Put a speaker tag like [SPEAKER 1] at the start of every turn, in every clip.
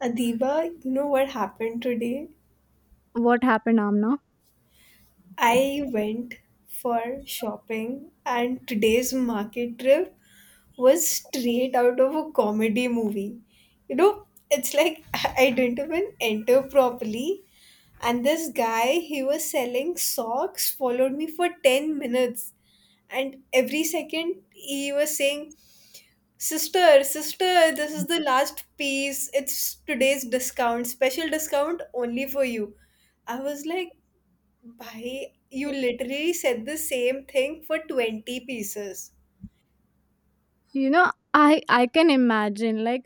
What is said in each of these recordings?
[SPEAKER 1] Adiba, you know what happened today?
[SPEAKER 2] What happened, Amna?
[SPEAKER 1] I went for shopping, and today's market trip was straight out of a comedy movie. You know, it's like I didn't even enter properly, and this guy, he was selling socks, followed me for 10 minutes, and every second he was saying, Sister, sister, this
[SPEAKER 2] Mm.
[SPEAKER 1] is the last piece. It's today's discount, special discount only for you. I was like, Bhai, you literally said the same thing for 20 pieces.
[SPEAKER 2] you know I can imagine, like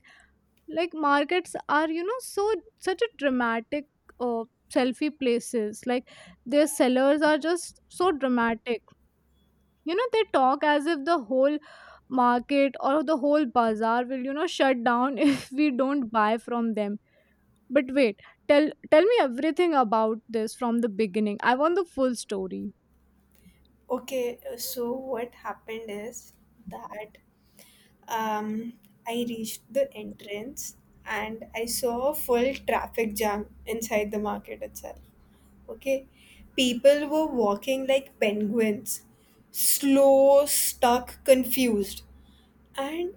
[SPEAKER 2] like markets are, you know, so such a dramatic uh, selfie places, like their sellers are just so dramatic. You know, they talk as if the whole market or the whole bazaar will, you know, shut down if we don't buy from them. But wait, tell me everything about this from the beginning. I want the full story.
[SPEAKER 1] Okay, so what happened is that um, I reached the entrance and I saw a full traffic jam inside the market itself. Okay, people were walking like penguins, slow, stuck, confused. And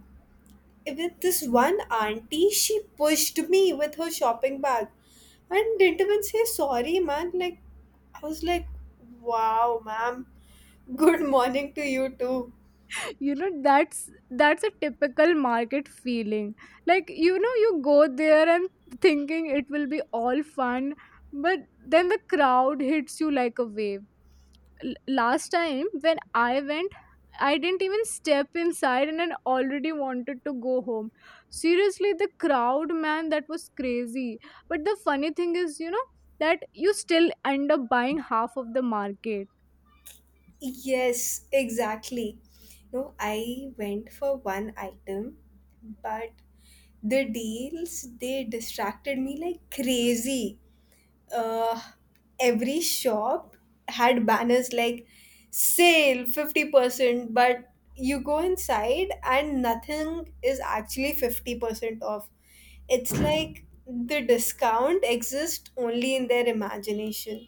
[SPEAKER 1] with this one auntie, she pushed me with her shopping bag and didn't even say sorry, man. Like, I was like, wow, ma'am, good morning to you too.
[SPEAKER 2] You know, that's a typical market feeling. Like, you know, you go there and thinking it will be all fun, but then the crowd hits you like a wave. Last time when I went, I didn't even step inside and I already wanted to go home. Seriously, the crowd, man, that was crazy. But the funny thing is, you know, that you still end up buying half of the market.
[SPEAKER 1] Yes, exactly. No, I went for one item, but the deals they distracted me like crazy. uh, every shop had banners like sale 50%, but you go inside and nothing is actually 50% off. It's like the discount exists only in their imagination.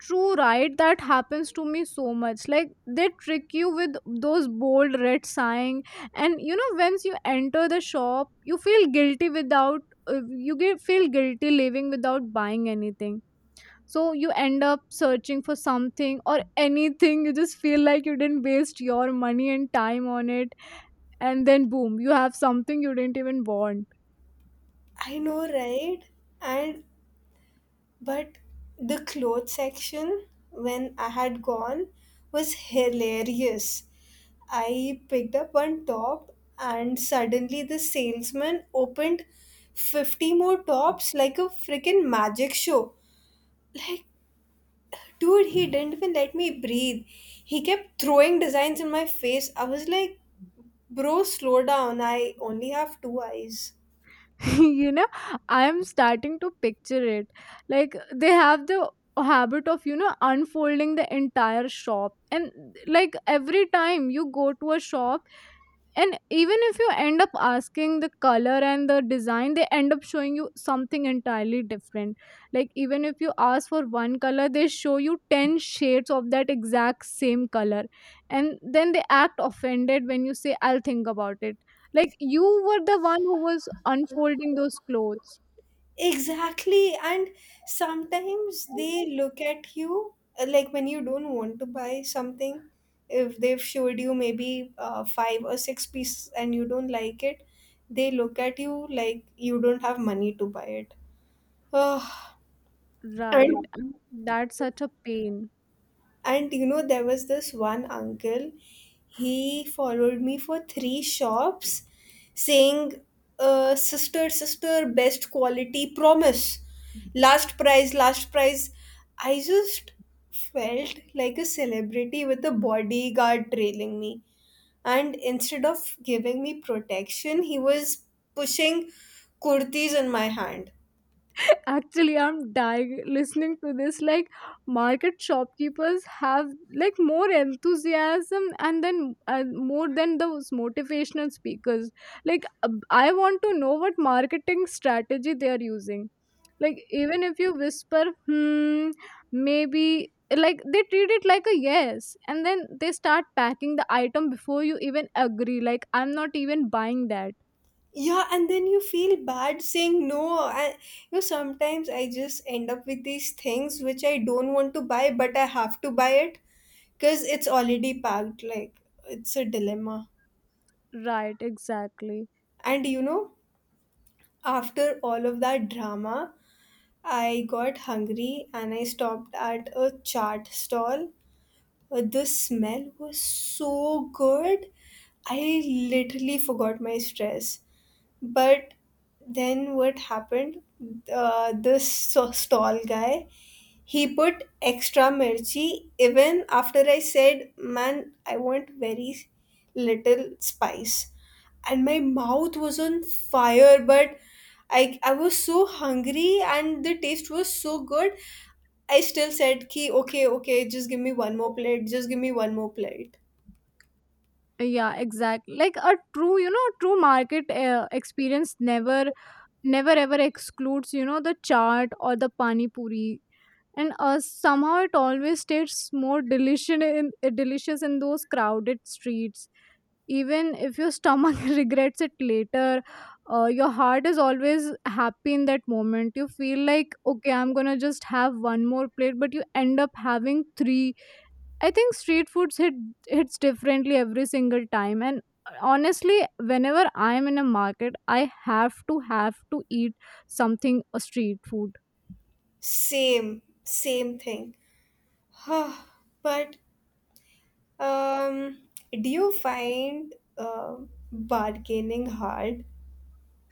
[SPEAKER 2] True, right? That happens to me so much. Like, they trick you with those bold red sign, and you know, once you enter the shop, you feel guilty without you get feel guilty leaving without buying anything. So you end up searching for something or anything. You just feel like you didn't waste your money and time on it, and then boom, you have something you didn't even want.
[SPEAKER 1] I know, right? And but the clothes section when I had gone was hilarious. I picked up one top, and suddenly the salesman opened 50 more tops like a freaking magic show. Like, dude, he didn't even let me breathe. He kept throwing designs in my face. I was like, bro, slow down. I only have two eyes.
[SPEAKER 2] You know, I'm starting to picture it. Like, they have the habit of, you know, unfolding the entire shop, and like, every time you go to a shop, and even if you end up asking the color and the design, they end up showing you something entirely different. Like, even if you ask for one color, they show you 10 shades of that exact same color, and then they act offended when you say I'll think about it. Like, you were the one who was unfolding those clothes.
[SPEAKER 1] Exactly. And sometimes they look at you like when you don't want to buy something, if they've showed you maybe five or six pieces and you don't like it, they look at you like you don't have money to buy it. Ugh.
[SPEAKER 2] Right,
[SPEAKER 1] and
[SPEAKER 2] and that's such a pain.
[SPEAKER 1] And you know, there was this one uncle, he followed me for three shops saying, Sister, sister, best quality, promise, last prize, last prize. I just felt like a celebrity with a bodyguard trailing me. And instead of giving me protection, he was pushing kurtis in my hand.
[SPEAKER 2] Actually, I'm dying listening to this. Like, market shopkeepers have like more enthusiasm and then more than those motivational speakers. Like, I want to know what marketing strategy they are using. Like, even if you whisper, hmm, maybe, like, they treat it like a yes. And then they start packing the item before you even agree. Like, I'm not even buying that.
[SPEAKER 1] Yeah, and then you feel bad saying no. I, sometimes I just end up with these things which I don't want to buy, but I have to buy it because it's already packed. Like, it's a dilemma.
[SPEAKER 2] Right, exactly.
[SPEAKER 1] And you know, after all of that drama, I got hungry and I stopped at a chaat stall. The smell was so good. I literally forgot my stress. But then what happened? This stall guy, he put extra mirchi even after I said, man, I want very little spice. And my mouth was on fire, but I was so hungry and the taste was so good. I still said, ki, okay, okay, just give me one more plate, just give me one more plate.
[SPEAKER 2] Yeah, exactly, like a true, you know, true market experience never never ever excludes, you know, the chaat or the pani puri. And somehow it always tastes more delicious in delicious in those crowded streets. Even if your stomach regrets it later, your heart is always happy. In that moment you feel like okay, I'm gonna just have one more plate, but you end up having three. I think street foods hit hits differently every single time. And honestly, whenever I am in a market, I have to eat something, a street food.
[SPEAKER 1] Same thing. but Um, do you find bargaining hard?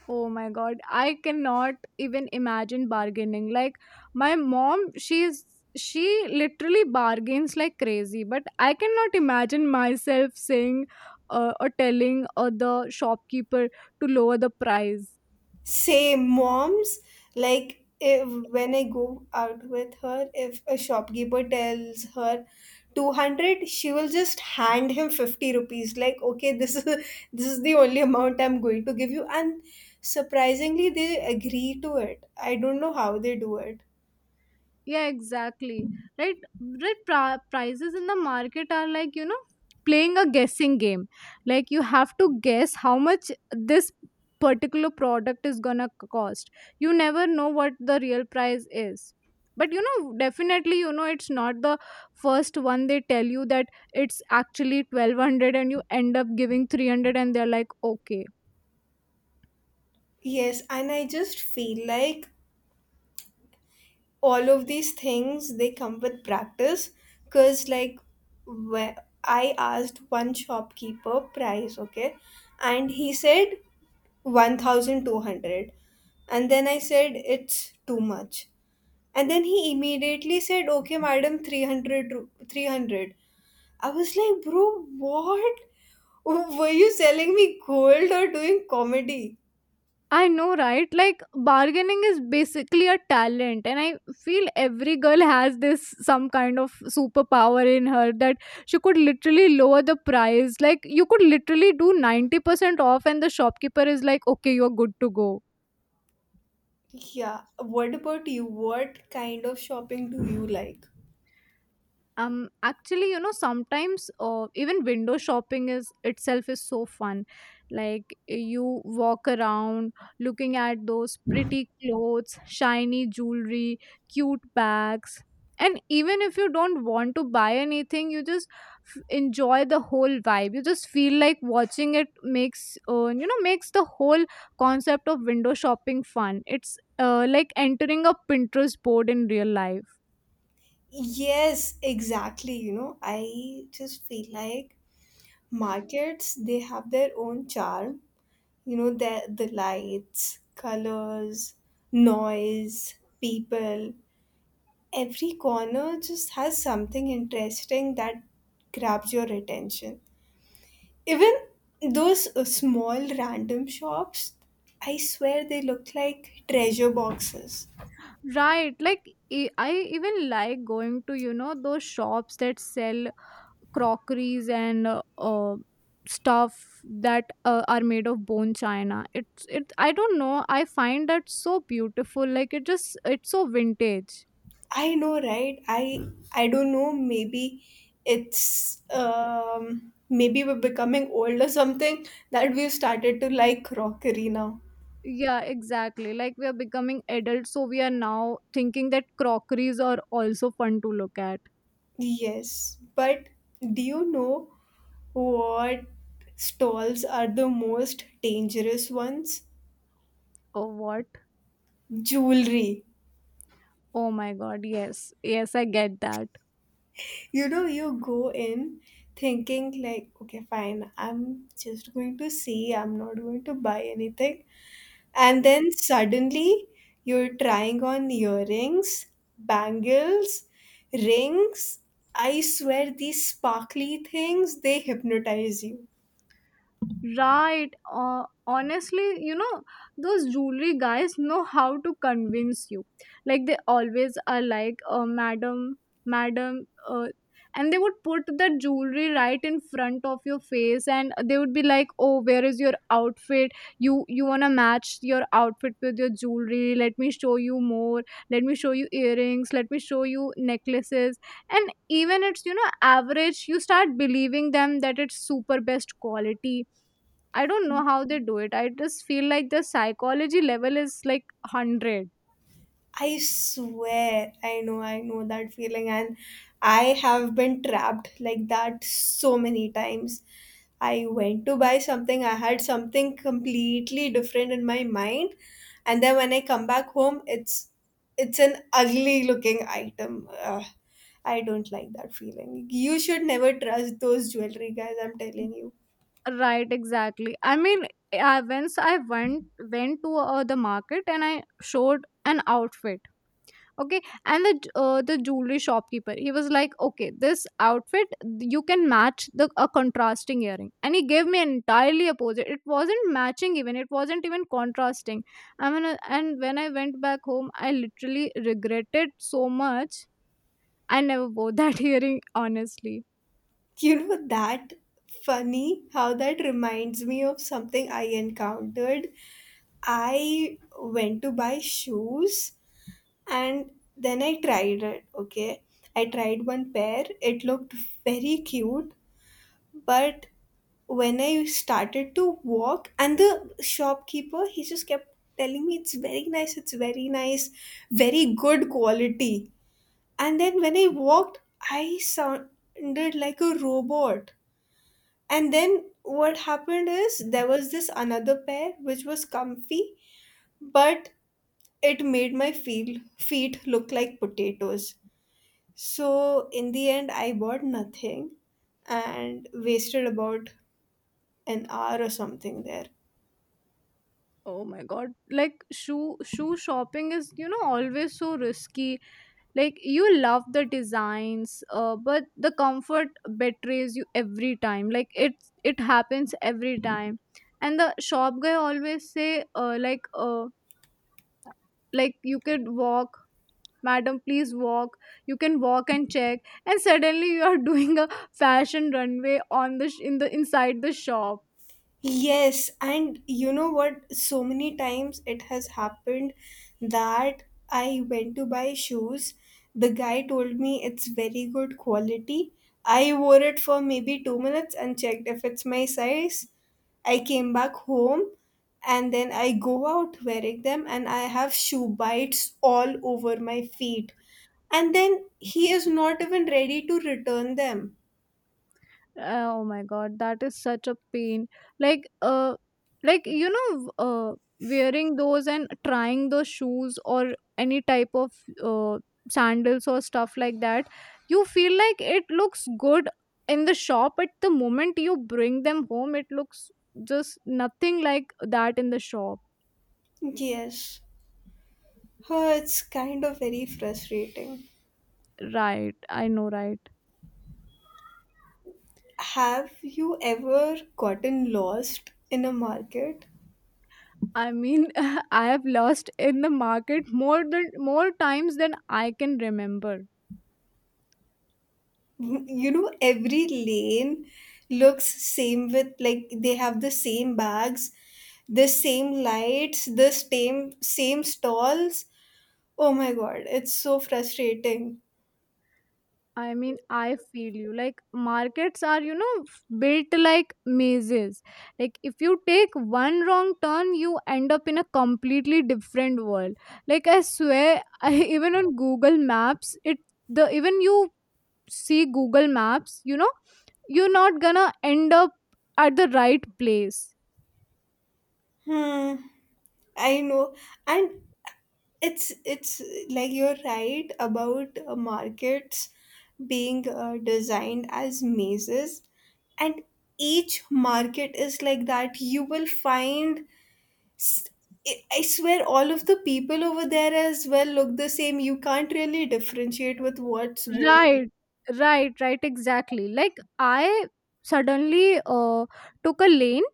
[SPEAKER 2] Oh my god, I cannot even imagine bargaining. Like, my mom, she literally bargains like crazy, but I cannot imagine myself saying or telling the shopkeeper to lower the price.
[SPEAKER 1] Same moms, like if when I go out with her, if a shopkeeper tells her 200, she will just hand him 50 rupees. Like, okay, this is the only amount I'm going to give you. And surprisingly, they agree to it. I don't know how they do it.
[SPEAKER 2] Yeah, exactly, right, right. Prices in the market are like, you know, playing a guessing game. Like, you have to guess how much this particular product is gonna cost. You never know what the real price is, but you know, definitely, you know, it's not the first one they tell you that. It's actually 1200 and you end up giving 300 and they're like okay.
[SPEAKER 1] Yes, and I just feel like all of these things they come with practice, because like wh- I asked one shopkeeper price, okay? And he said 1200, and then I said it's too much, and then he immediately said, okay madam, 300, 300. I was like, bro, what, were you selling me gold or doing comedy?
[SPEAKER 2] I know, right? Like, bargaining is basically a talent, and I feel every girl has this some kind of superpower in her that she could literally lower the price. Like, you could literally do 90% off, and the shopkeeper is like, "Okay, you're good to go."
[SPEAKER 1] Yeah, what about you? What kind of shopping do you like?
[SPEAKER 2] Um, actually, you know, sometimes even window shopping is itself is so fun. Like, you walk around looking at those pretty clothes, shiny jewelry, cute bags, and even if you don't want to buy anything, you just enjoy the whole vibe. You just feel like watching it makes you know, makes the whole concept of window shopping fun. It's like entering a Pinterest board in real life.
[SPEAKER 1] Yes, exactly. You know, I just feel like markets, they have their own charm. You know, the lights, colors, noise, people. Every corner just has something interesting that grabs your attention. Even those small random shops, I swear they look like treasure boxes.
[SPEAKER 2] Right. Like, I even like going to, you know, those shops that sell crockeries and stuff that are made of bone china. It's it, I don't know. I find that so beautiful. Like, it just, it's so vintage.
[SPEAKER 1] I know, right? I don't know. Maybe it's maybe we're becoming old or something that we've started to like crockery now.
[SPEAKER 2] Yeah, exactly. Like, we are becoming adults, so we are now thinking that crockeries are also fun to look at.
[SPEAKER 1] Yes, but do you know what stalls are the most dangerous ones?
[SPEAKER 2] Oh, what?
[SPEAKER 1] Jewelry.
[SPEAKER 2] Oh my god, yes. Yes, I get that.
[SPEAKER 1] You know, you go in thinking like, okay, fine, I'm just going to see. I'm not going to buy anything. And then suddenly you're trying on earrings, bangles, rings. I swear these sparkly things, they hypnotize you.
[SPEAKER 2] Right. Honestly, you know, those jewelry guys know how to convince you. Like, they always are like, madam, madam, and they would put the jewelry right in front of your face, and they would be like, oh, where is your outfit? You want to match your outfit with your jewelry? Let me show you more. Let me show you earrings, let me show you necklaces. And even it's, you know, average, you start believing them that it's super best quality. I don't know how they do it. I just feel like the psychology level is like 100.
[SPEAKER 1] I swear, I know that feeling, and I have been trapped like that so many times. I went to buy something, I had something completely different in my mind, and then when I come back home, it's an ugly looking item. Ugh, I don't like that feeling. You should never trust those jewelry guys, I'm telling you.
[SPEAKER 2] Right, exactly. I mean, I, once I went to the market and I showed an outfit. Okay, and the the jewelry shopkeeper, he was like, okay, this outfit you can match the a contrasting earring, and he gave me entirely opposite. It wasn't matching even. It wasn't even contrasting. I mean, and when I went back home, I literally regretted so much. I never wore that earring, honestly.
[SPEAKER 1] You know that funny how that reminds me of something I encountered. I went to buy shoes and then I tried it, okay? I tried one pair. It looked very cute, but when I started to walk, and the shopkeeper, he just kept telling me it's very nice, very good quality. And then when I walked, I sounded like a robot. And then what happened is there was this another pair which was comfy, but it made my feet look like potatoes. So in the end, I bought nothing and wasted about an hour or something there.
[SPEAKER 2] Oh my god. Like, shoe shopping is, you know, always so risky. Like, you love the designs, but the comfort betrays you every time. Like, it happens every time. And the shop guy always say, like, like, you could walk, madam, please walk. You can walk and check. And suddenly you are doing a fashion runway on the sh- in the inside the shop.
[SPEAKER 1] Yes, and you know what? So many times it has happened that I went to buy shoes. The guy told me it's very good quality. I wore it for maybe 2 minutes and checked if it's my size. I came back home and then I go out wearing them and I have shoe bites all over my feet. And then he is not even ready to return them.
[SPEAKER 2] Oh my god, that is such a pain. Like uh like you know, wearing those and trying those shoes or any type of uh sandals or stuff like that, you feel like it looks good in the shop, but the moment you bring them home, it looks just nothing like that in the shop.
[SPEAKER 1] Yes. Oh, it's kind of very frustrating.
[SPEAKER 2] Right, I know, right.
[SPEAKER 1] Have you ever gotten lost in a market?
[SPEAKER 2] I mean, I have lost in the market more than more times than I can remember.
[SPEAKER 1] You know, every lane looks same, with like they have the same bags, the same lights, the same stalls. Oh my god, it's so frustrating.
[SPEAKER 2] I mean, I feel you. Like, markets are, you know, built like mazes. Like, if you take one wrong turn, you end up in a completely different world. Like, I swear, I, even on Google Maps, it the even you see Google Maps, you know, you're not gonna end up at the right place.
[SPEAKER 1] Hmm. I know. And it's like you're right about markets being designed as mazes, and each market is like that. You will find s- I swear all of the people over there as well look the same. You can't really differentiate with what's going.
[SPEAKER 2] Right, right, right, exactly. Like, I suddenly took a lane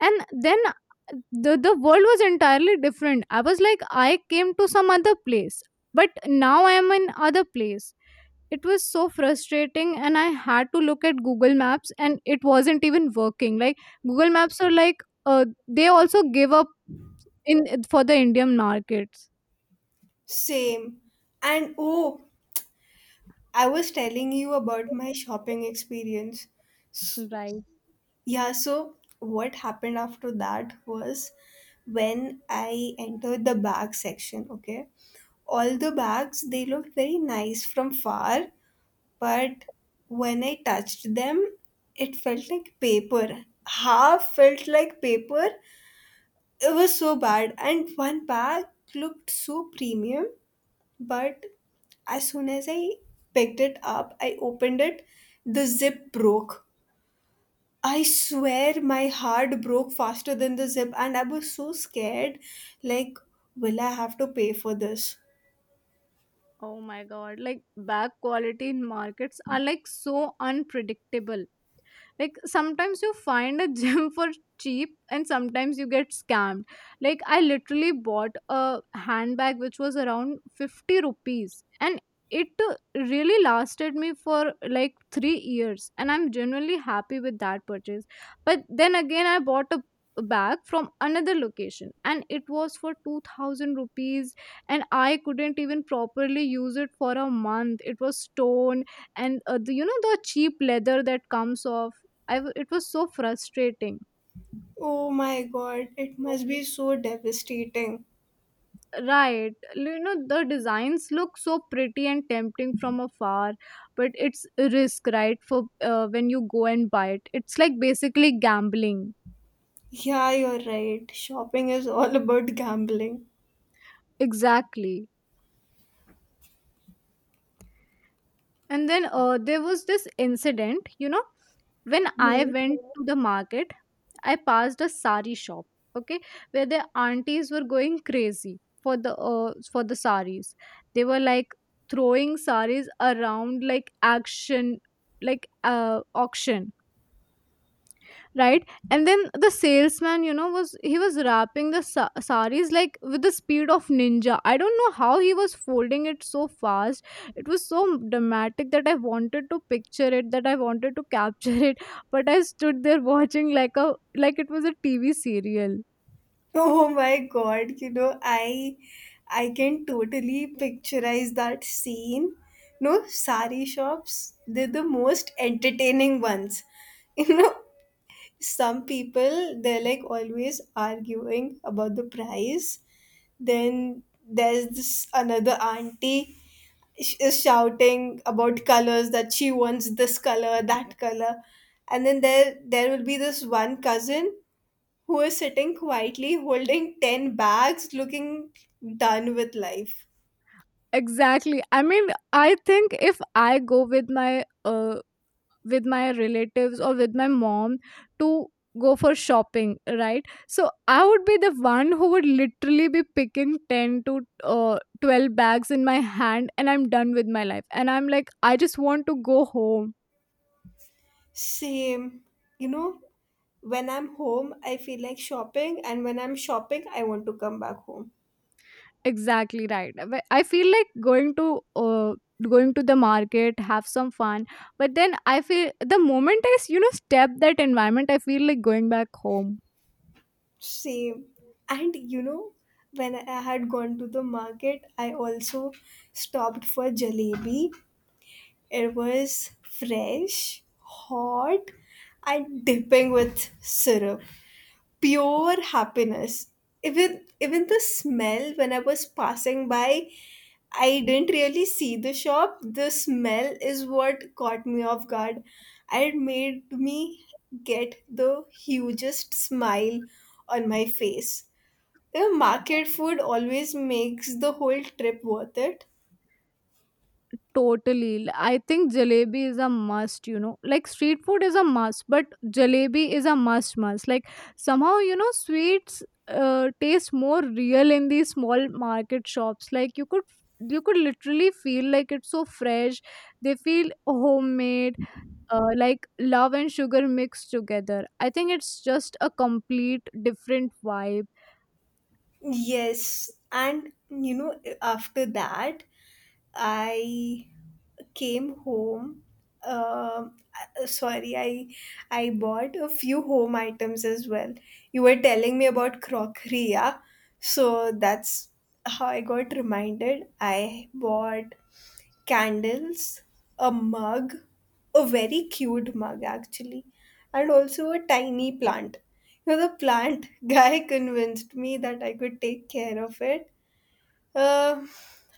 [SPEAKER 2] and then the world was entirely different. I was like I came to some other place, but now I am in other place. It was so frustrating and I had to look at Google Maps and it wasn't even working. Like, Google Maps are like they also give up in for the Indian markets.
[SPEAKER 1] Same. And oh, I was telling you about my shopping experience.
[SPEAKER 2] Right.
[SPEAKER 1] Yeah, so what happened after that was when I entered the bag section, okay? All the bags, they looked very nice from far, but when I touched them, it felt like paper. Half felt like paper. It was so bad. And one bag looked so premium, but as soon as I picked it up, I opened it, the zip broke. I swear my heart broke faster than the zip, and I was so scared. Like, will I have to pay for this?
[SPEAKER 2] Oh my god, like, bag quality in markets are like so unpredictable. Like, sometimes you find a gym for cheap, and sometimes you get scammed. Like, I literally bought a handbag which was around 50 rupees, and it really lasted me for like 3 years, and I'm genuinely happy with that purchase. But then again, I bought a bag from another location and it was for 2000 rupees, and I couldn't even properly use it for a month. It was torn, and you know, the cheap leather that comes off, it was so frustrating.
[SPEAKER 1] Oh my god, it must be so devastating.
[SPEAKER 2] Right. You know, the designs look so pretty and tempting from afar, but it's a risk, right? For when you go and buy it, it's like basically gambling.
[SPEAKER 1] Yeah, you're right. Shopping is all about gambling.
[SPEAKER 2] Exactly. And then there was this incident, you know, when I
[SPEAKER 1] Hmm.
[SPEAKER 2] went to the market, I passed a sari shop, okay, where the aunties were going crazy for the saris. They were like throwing saris around like action, like auction, right? And then the salesman, you know, was he was wrapping the saris like with the speed of ninja. I don't know how he was folding it so fast. It was so dramatic that I wanted to capture it but I stood there watching like a like it was a tv serial.
[SPEAKER 1] Oh my god, you know, I can totally picturize that scene. No, sari shops, they're the most entertaining ones. You know, some people they're like always arguing about the price, then there's this another auntie is shouting about colors, that she wants this color, that color. And then there will be this one cousin who is sitting quietly holding 10 bags looking done with life.
[SPEAKER 2] Exactly. I mean, I think if I go with my relatives or with my mom to go for shopping, right, so I would be the one who would literally be picking 10 to 12 bags in my hand and I'm done with my life and I'm like I just want to go home.
[SPEAKER 1] Same. You know, when I'm home I feel like shopping, and when I'm shopping I want to come back home.
[SPEAKER 2] Exactly, right. But I feel like going to going to the market, have some fun, but then I feel the moment you know, step that environment, I feel like going back home.
[SPEAKER 1] Same. And you know, when I had gone to the market, I also stopped for jalebi. It was fresh, hot, and dipping with syrup, pure happiness. Even the smell when I was passing by, I didn't really see the shop. The smell is what caught me off guard. It made me get the hugest smile on my face. The market food always makes the whole trip worth it.
[SPEAKER 2] Totally. I think jalebi is a must, you know. Like street food is a must, but jalebi is a must must. Like somehow, you know, sweets taste more real in these small market shops. Like you could literally feel like it's so fresh. They feel homemade, like love and sugar mixed together. I think it's just a complete different vibe.
[SPEAKER 1] Yes, and you know, after that, I came home um, sorry I bought a few home items as well. You were telling me about crockery, yeah. So that's how I got reminded. I bought candles, a mug, a very cute mug actually, and also a tiny plant. You know, the plant guy convinced me that I could take care of it. uh,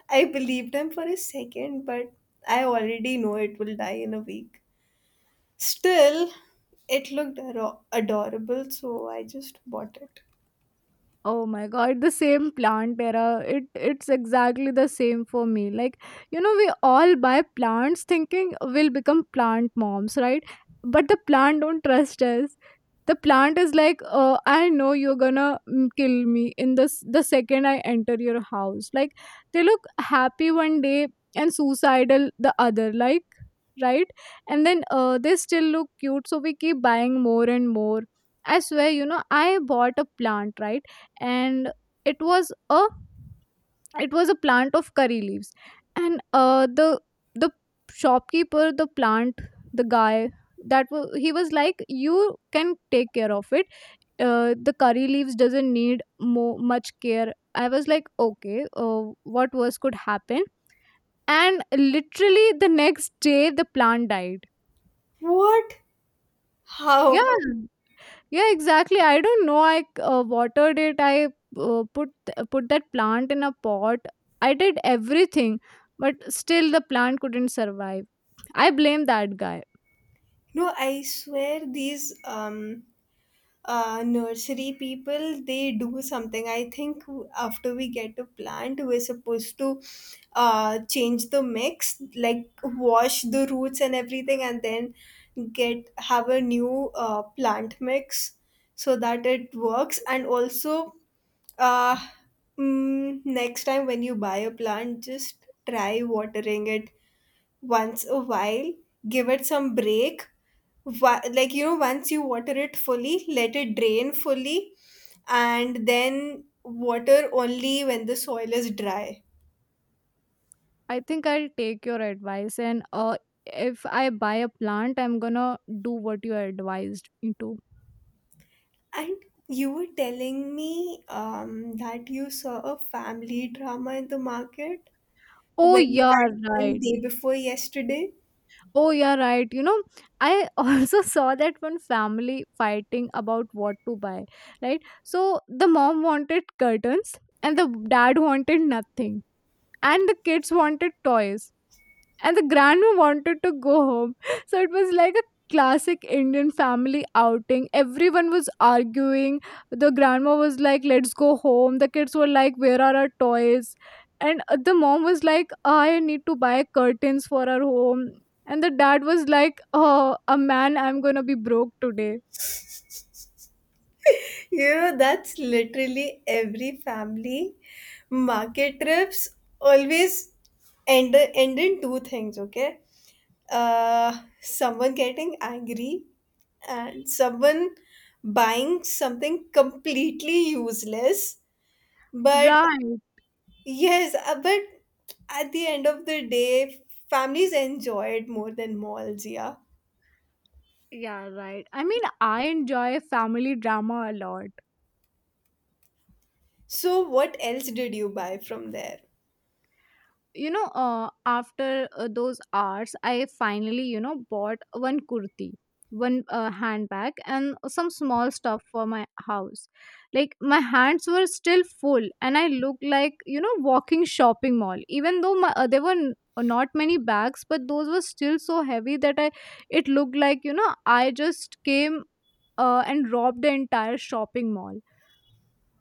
[SPEAKER 1] I believed him for a second, but I already know it will die in a week. Still, it looked adorable, so I just bought it.
[SPEAKER 2] Oh my god, the same plant era. It's exactly the same for me. Like, you know, we all buy plants thinking we'll become plant moms, right? But the plant don't trust us. The plant is like, I know you're gonna kill me in this the second I enter your house. Like they look happy one day and suicidal the other, like, right. And then they still look cute, so we keep buying more and more. I swear, you know, I bought a plant, right? And it was a it was a plant of curry leaves. And the shopkeeper, the plant, the guy, that was he was like, you can take care of it, the curry leaves doesn't need much care. I was like, okay, what worse could happen? And literally the next day the plant died.
[SPEAKER 1] What? How?
[SPEAKER 2] Yeah. Yeah, exactly. I don't know. I watered it. I uh, put put that plant in a pot. I did everything, but still the plant couldn't survive. I blame that guy.
[SPEAKER 1] No, I swear these nursery people they do something. I think after we get a plant we're supposed to change the mix, like wash the roots and everything, and then get have a new plant mix so that it works. And also uh, next time when you buy a plant, just try watering it once a while, give it some break, like you know, once you water it fully, let it drain fully, and then water only when the soil is dry.
[SPEAKER 2] I think I'll take your advice and if I buy a plant, I'm gonna do what you advised me to.
[SPEAKER 1] And you were telling me that you saw a family drama in the market
[SPEAKER 2] Oh
[SPEAKER 1] when you
[SPEAKER 2] yeah,
[SPEAKER 1] had, one
[SPEAKER 2] right.
[SPEAKER 1] day before yesterday.
[SPEAKER 2] Oh, yeah, right. You know, I also saw that one family fighting about what to buy, right? So the mom wanted curtains and the dad wanted nothing, and the kids wanted toys and the grandma wanted to go home so it was like a classic Indian family outing. Everyone was arguing. The grandma was like, let's go home. The kids were like, where are our toys? And the mom was like, I need to buy curtains for our home. And the dad was like, oh a man, I'm gonna be broke today.
[SPEAKER 1] Yeah, that's literally every family. Market trips always end in two things, okay? Someone getting angry and someone buying something completely useless. But
[SPEAKER 2] Right.
[SPEAKER 1] yes, but at the end of the day, families enjoy it more than malls, yeah.
[SPEAKER 2] Yeah, right. I mean, I enjoy family drama a lot.
[SPEAKER 1] So, what else did you buy from there?
[SPEAKER 2] You know, after those hours I finally, you know, bought one kurti, one handbag and some small stuff for my house. Like my hands were still full and I looked like, you know, walking shopping mall, even though my, there were not many bags, but those were still so heavy that I it looked like, you know, I just came and robbed the entire shopping mall.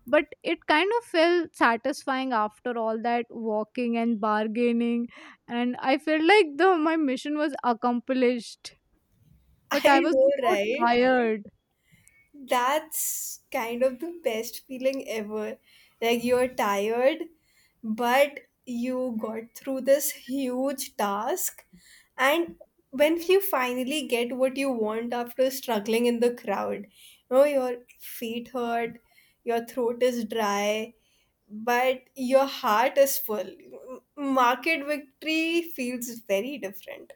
[SPEAKER 2] But it kind of felt satisfying after all that walking and bargaining, and I felt like the my mission was accomplished. But
[SPEAKER 1] I
[SPEAKER 2] I was
[SPEAKER 1] know,
[SPEAKER 2] so
[SPEAKER 1] right?
[SPEAKER 2] tired.
[SPEAKER 1] That's kind of the best feeling ever. Like you're tired, but you got through this huge task. And when you finally get what you want after struggling in the crowd, you know, your feet hurt, your throat is dry, but your heart is full. Market victory feels very different.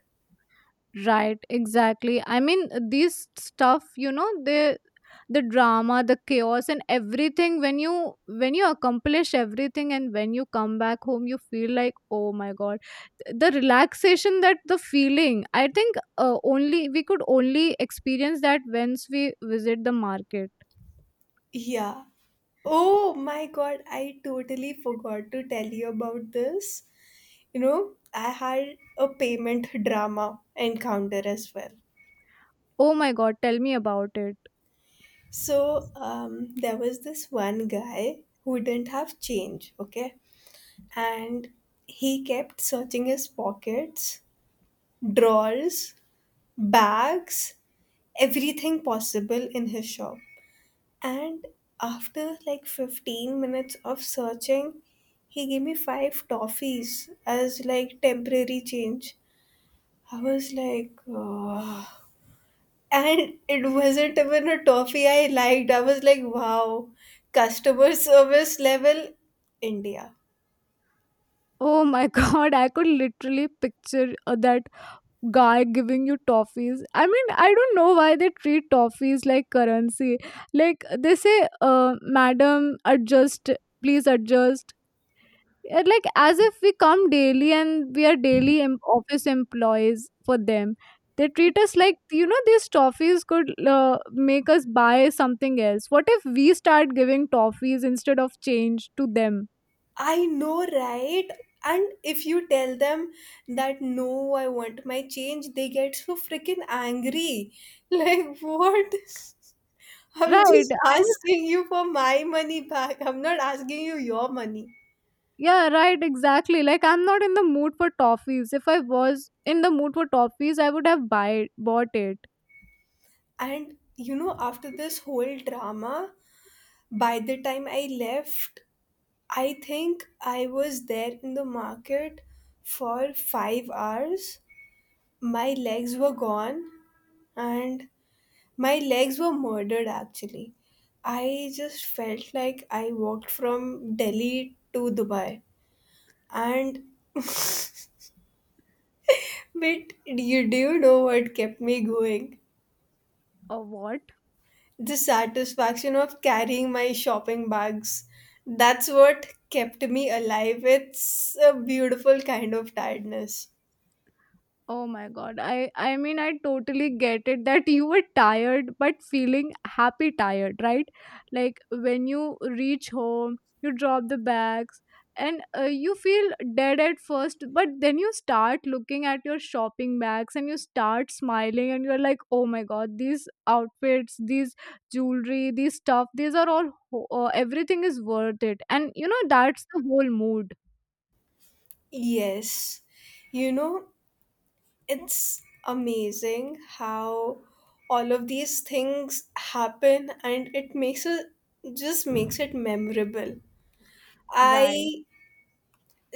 [SPEAKER 2] Right, exactly. I mean, these stuff, you know, the drama, the chaos and everything, when you accomplish everything and when you come back home you feel like, oh my god, the relaxation, that the feeling, I think, only experience that once we visit the market.
[SPEAKER 1] Yeah. Oh my god, I totally forgot to tell you about this. You know, I had a payment drama encounter as well.
[SPEAKER 2] Oh my god, tell me about it.
[SPEAKER 1] So there was this one guy who didn't have change, okay? And he kept searching his pockets, drawers, bags, everything possible in his shop. And after like 15 minutes of searching, he gave me five toffees as like temporary change. I was like, oh. And it wasn't even a toffee I liked. I was like, wow, customer service level India.
[SPEAKER 2] Oh my god, I could literally picture, that guy giving you toffees. I mean, I don't know why they treat toffees like currency. Like they say, "Madam, adjust, please adjust." And, like as if we come daily and we are daily office employees for them. They treat us like, you know, these toffees could make us buy something else. What if we start giving toffees instead of change to them?
[SPEAKER 1] I know, right? And if you tell them that no, I want my change, they get so freaking angry. Like, what? I'm
[SPEAKER 2] Right.
[SPEAKER 1] just
[SPEAKER 2] I mean,
[SPEAKER 1] asking you for my money back. I'm not asking you your money.
[SPEAKER 2] yeah, right, exactly. Like I'm not in the mood for toffees. If I was in the mood for toffees, I would have buy bought it.
[SPEAKER 1] And you know, after this whole drama, by the time I left, I think I was there in the market for 5 hours. My legs were gone, and my legs were murdered actually. I just felt like I walked from Delhi to Dubai. And but you do you know what kept me going?
[SPEAKER 2] Oh, what?
[SPEAKER 1] The satisfaction of carrying my shopping bags. That's what kept me alive. It's a beautiful kind of tiredness.
[SPEAKER 2] Oh my god. I mean I totally get it that you were tired but feeling happy tired, right? Like when you reach home, you drop the bags and you feel dead at first, but then you start looking at your shopping bags and you start smiling and you're like, "Oh my god, these outfits, these jewelry, these stuff, these are all everything is worth it." And you know that's the whole mood.
[SPEAKER 1] Yes. You know, it's amazing how all of these things happen and it makes it just makes it memorable.
[SPEAKER 2] Right.
[SPEAKER 1] I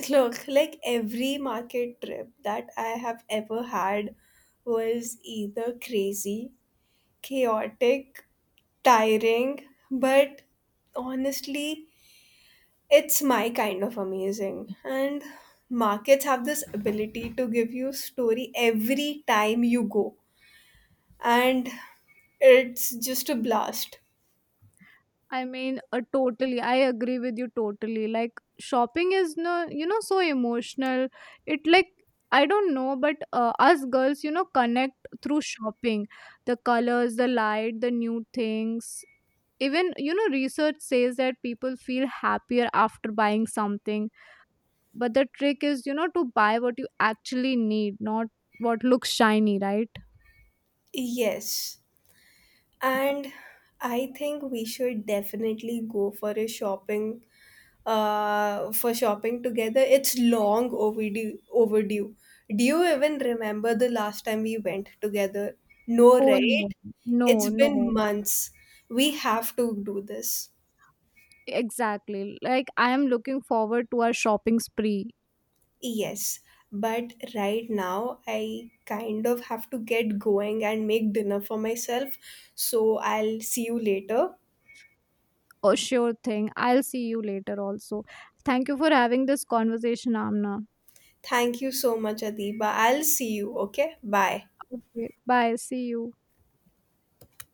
[SPEAKER 1] look like every market trip that I have ever had was either crazy, chaotic, tiring, but honestly it's my kind of amazing. And markets have this ability to give you story every time you go. And it's just a blast.
[SPEAKER 2] I mean, totally. I agree with you totally. Like shopping is no, you know, so emotional. It, like, I don't know, but us girls, you know, connect through shopping. The colors, the light, the new things. Even, you know, research says that people feel happier after buying something. But the trick is, you know, to buy what you actually need, not what looks shiny, right?
[SPEAKER 1] Yes. And I think we should definitely go for shopping together. It's long overdue. Do you even remember the last time we went together? No,
[SPEAKER 2] Oh no,
[SPEAKER 1] right?
[SPEAKER 2] no,
[SPEAKER 1] It's been
[SPEAKER 2] no.
[SPEAKER 1] months. We have to do this.
[SPEAKER 2] Exactly. Like I am looking forward to our shopping spree.
[SPEAKER 1] Yes, but right now I kind of have to get going and make dinner for myself. So I'll see you later.
[SPEAKER 2] Oh, sure thing. I'll see you later also. Thank you for having this conversation, Amna.
[SPEAKER 1] Thank you so much, Adiba. I'll see you, okay? Bye.
[SPEAKER 2] Okay, bye. See you.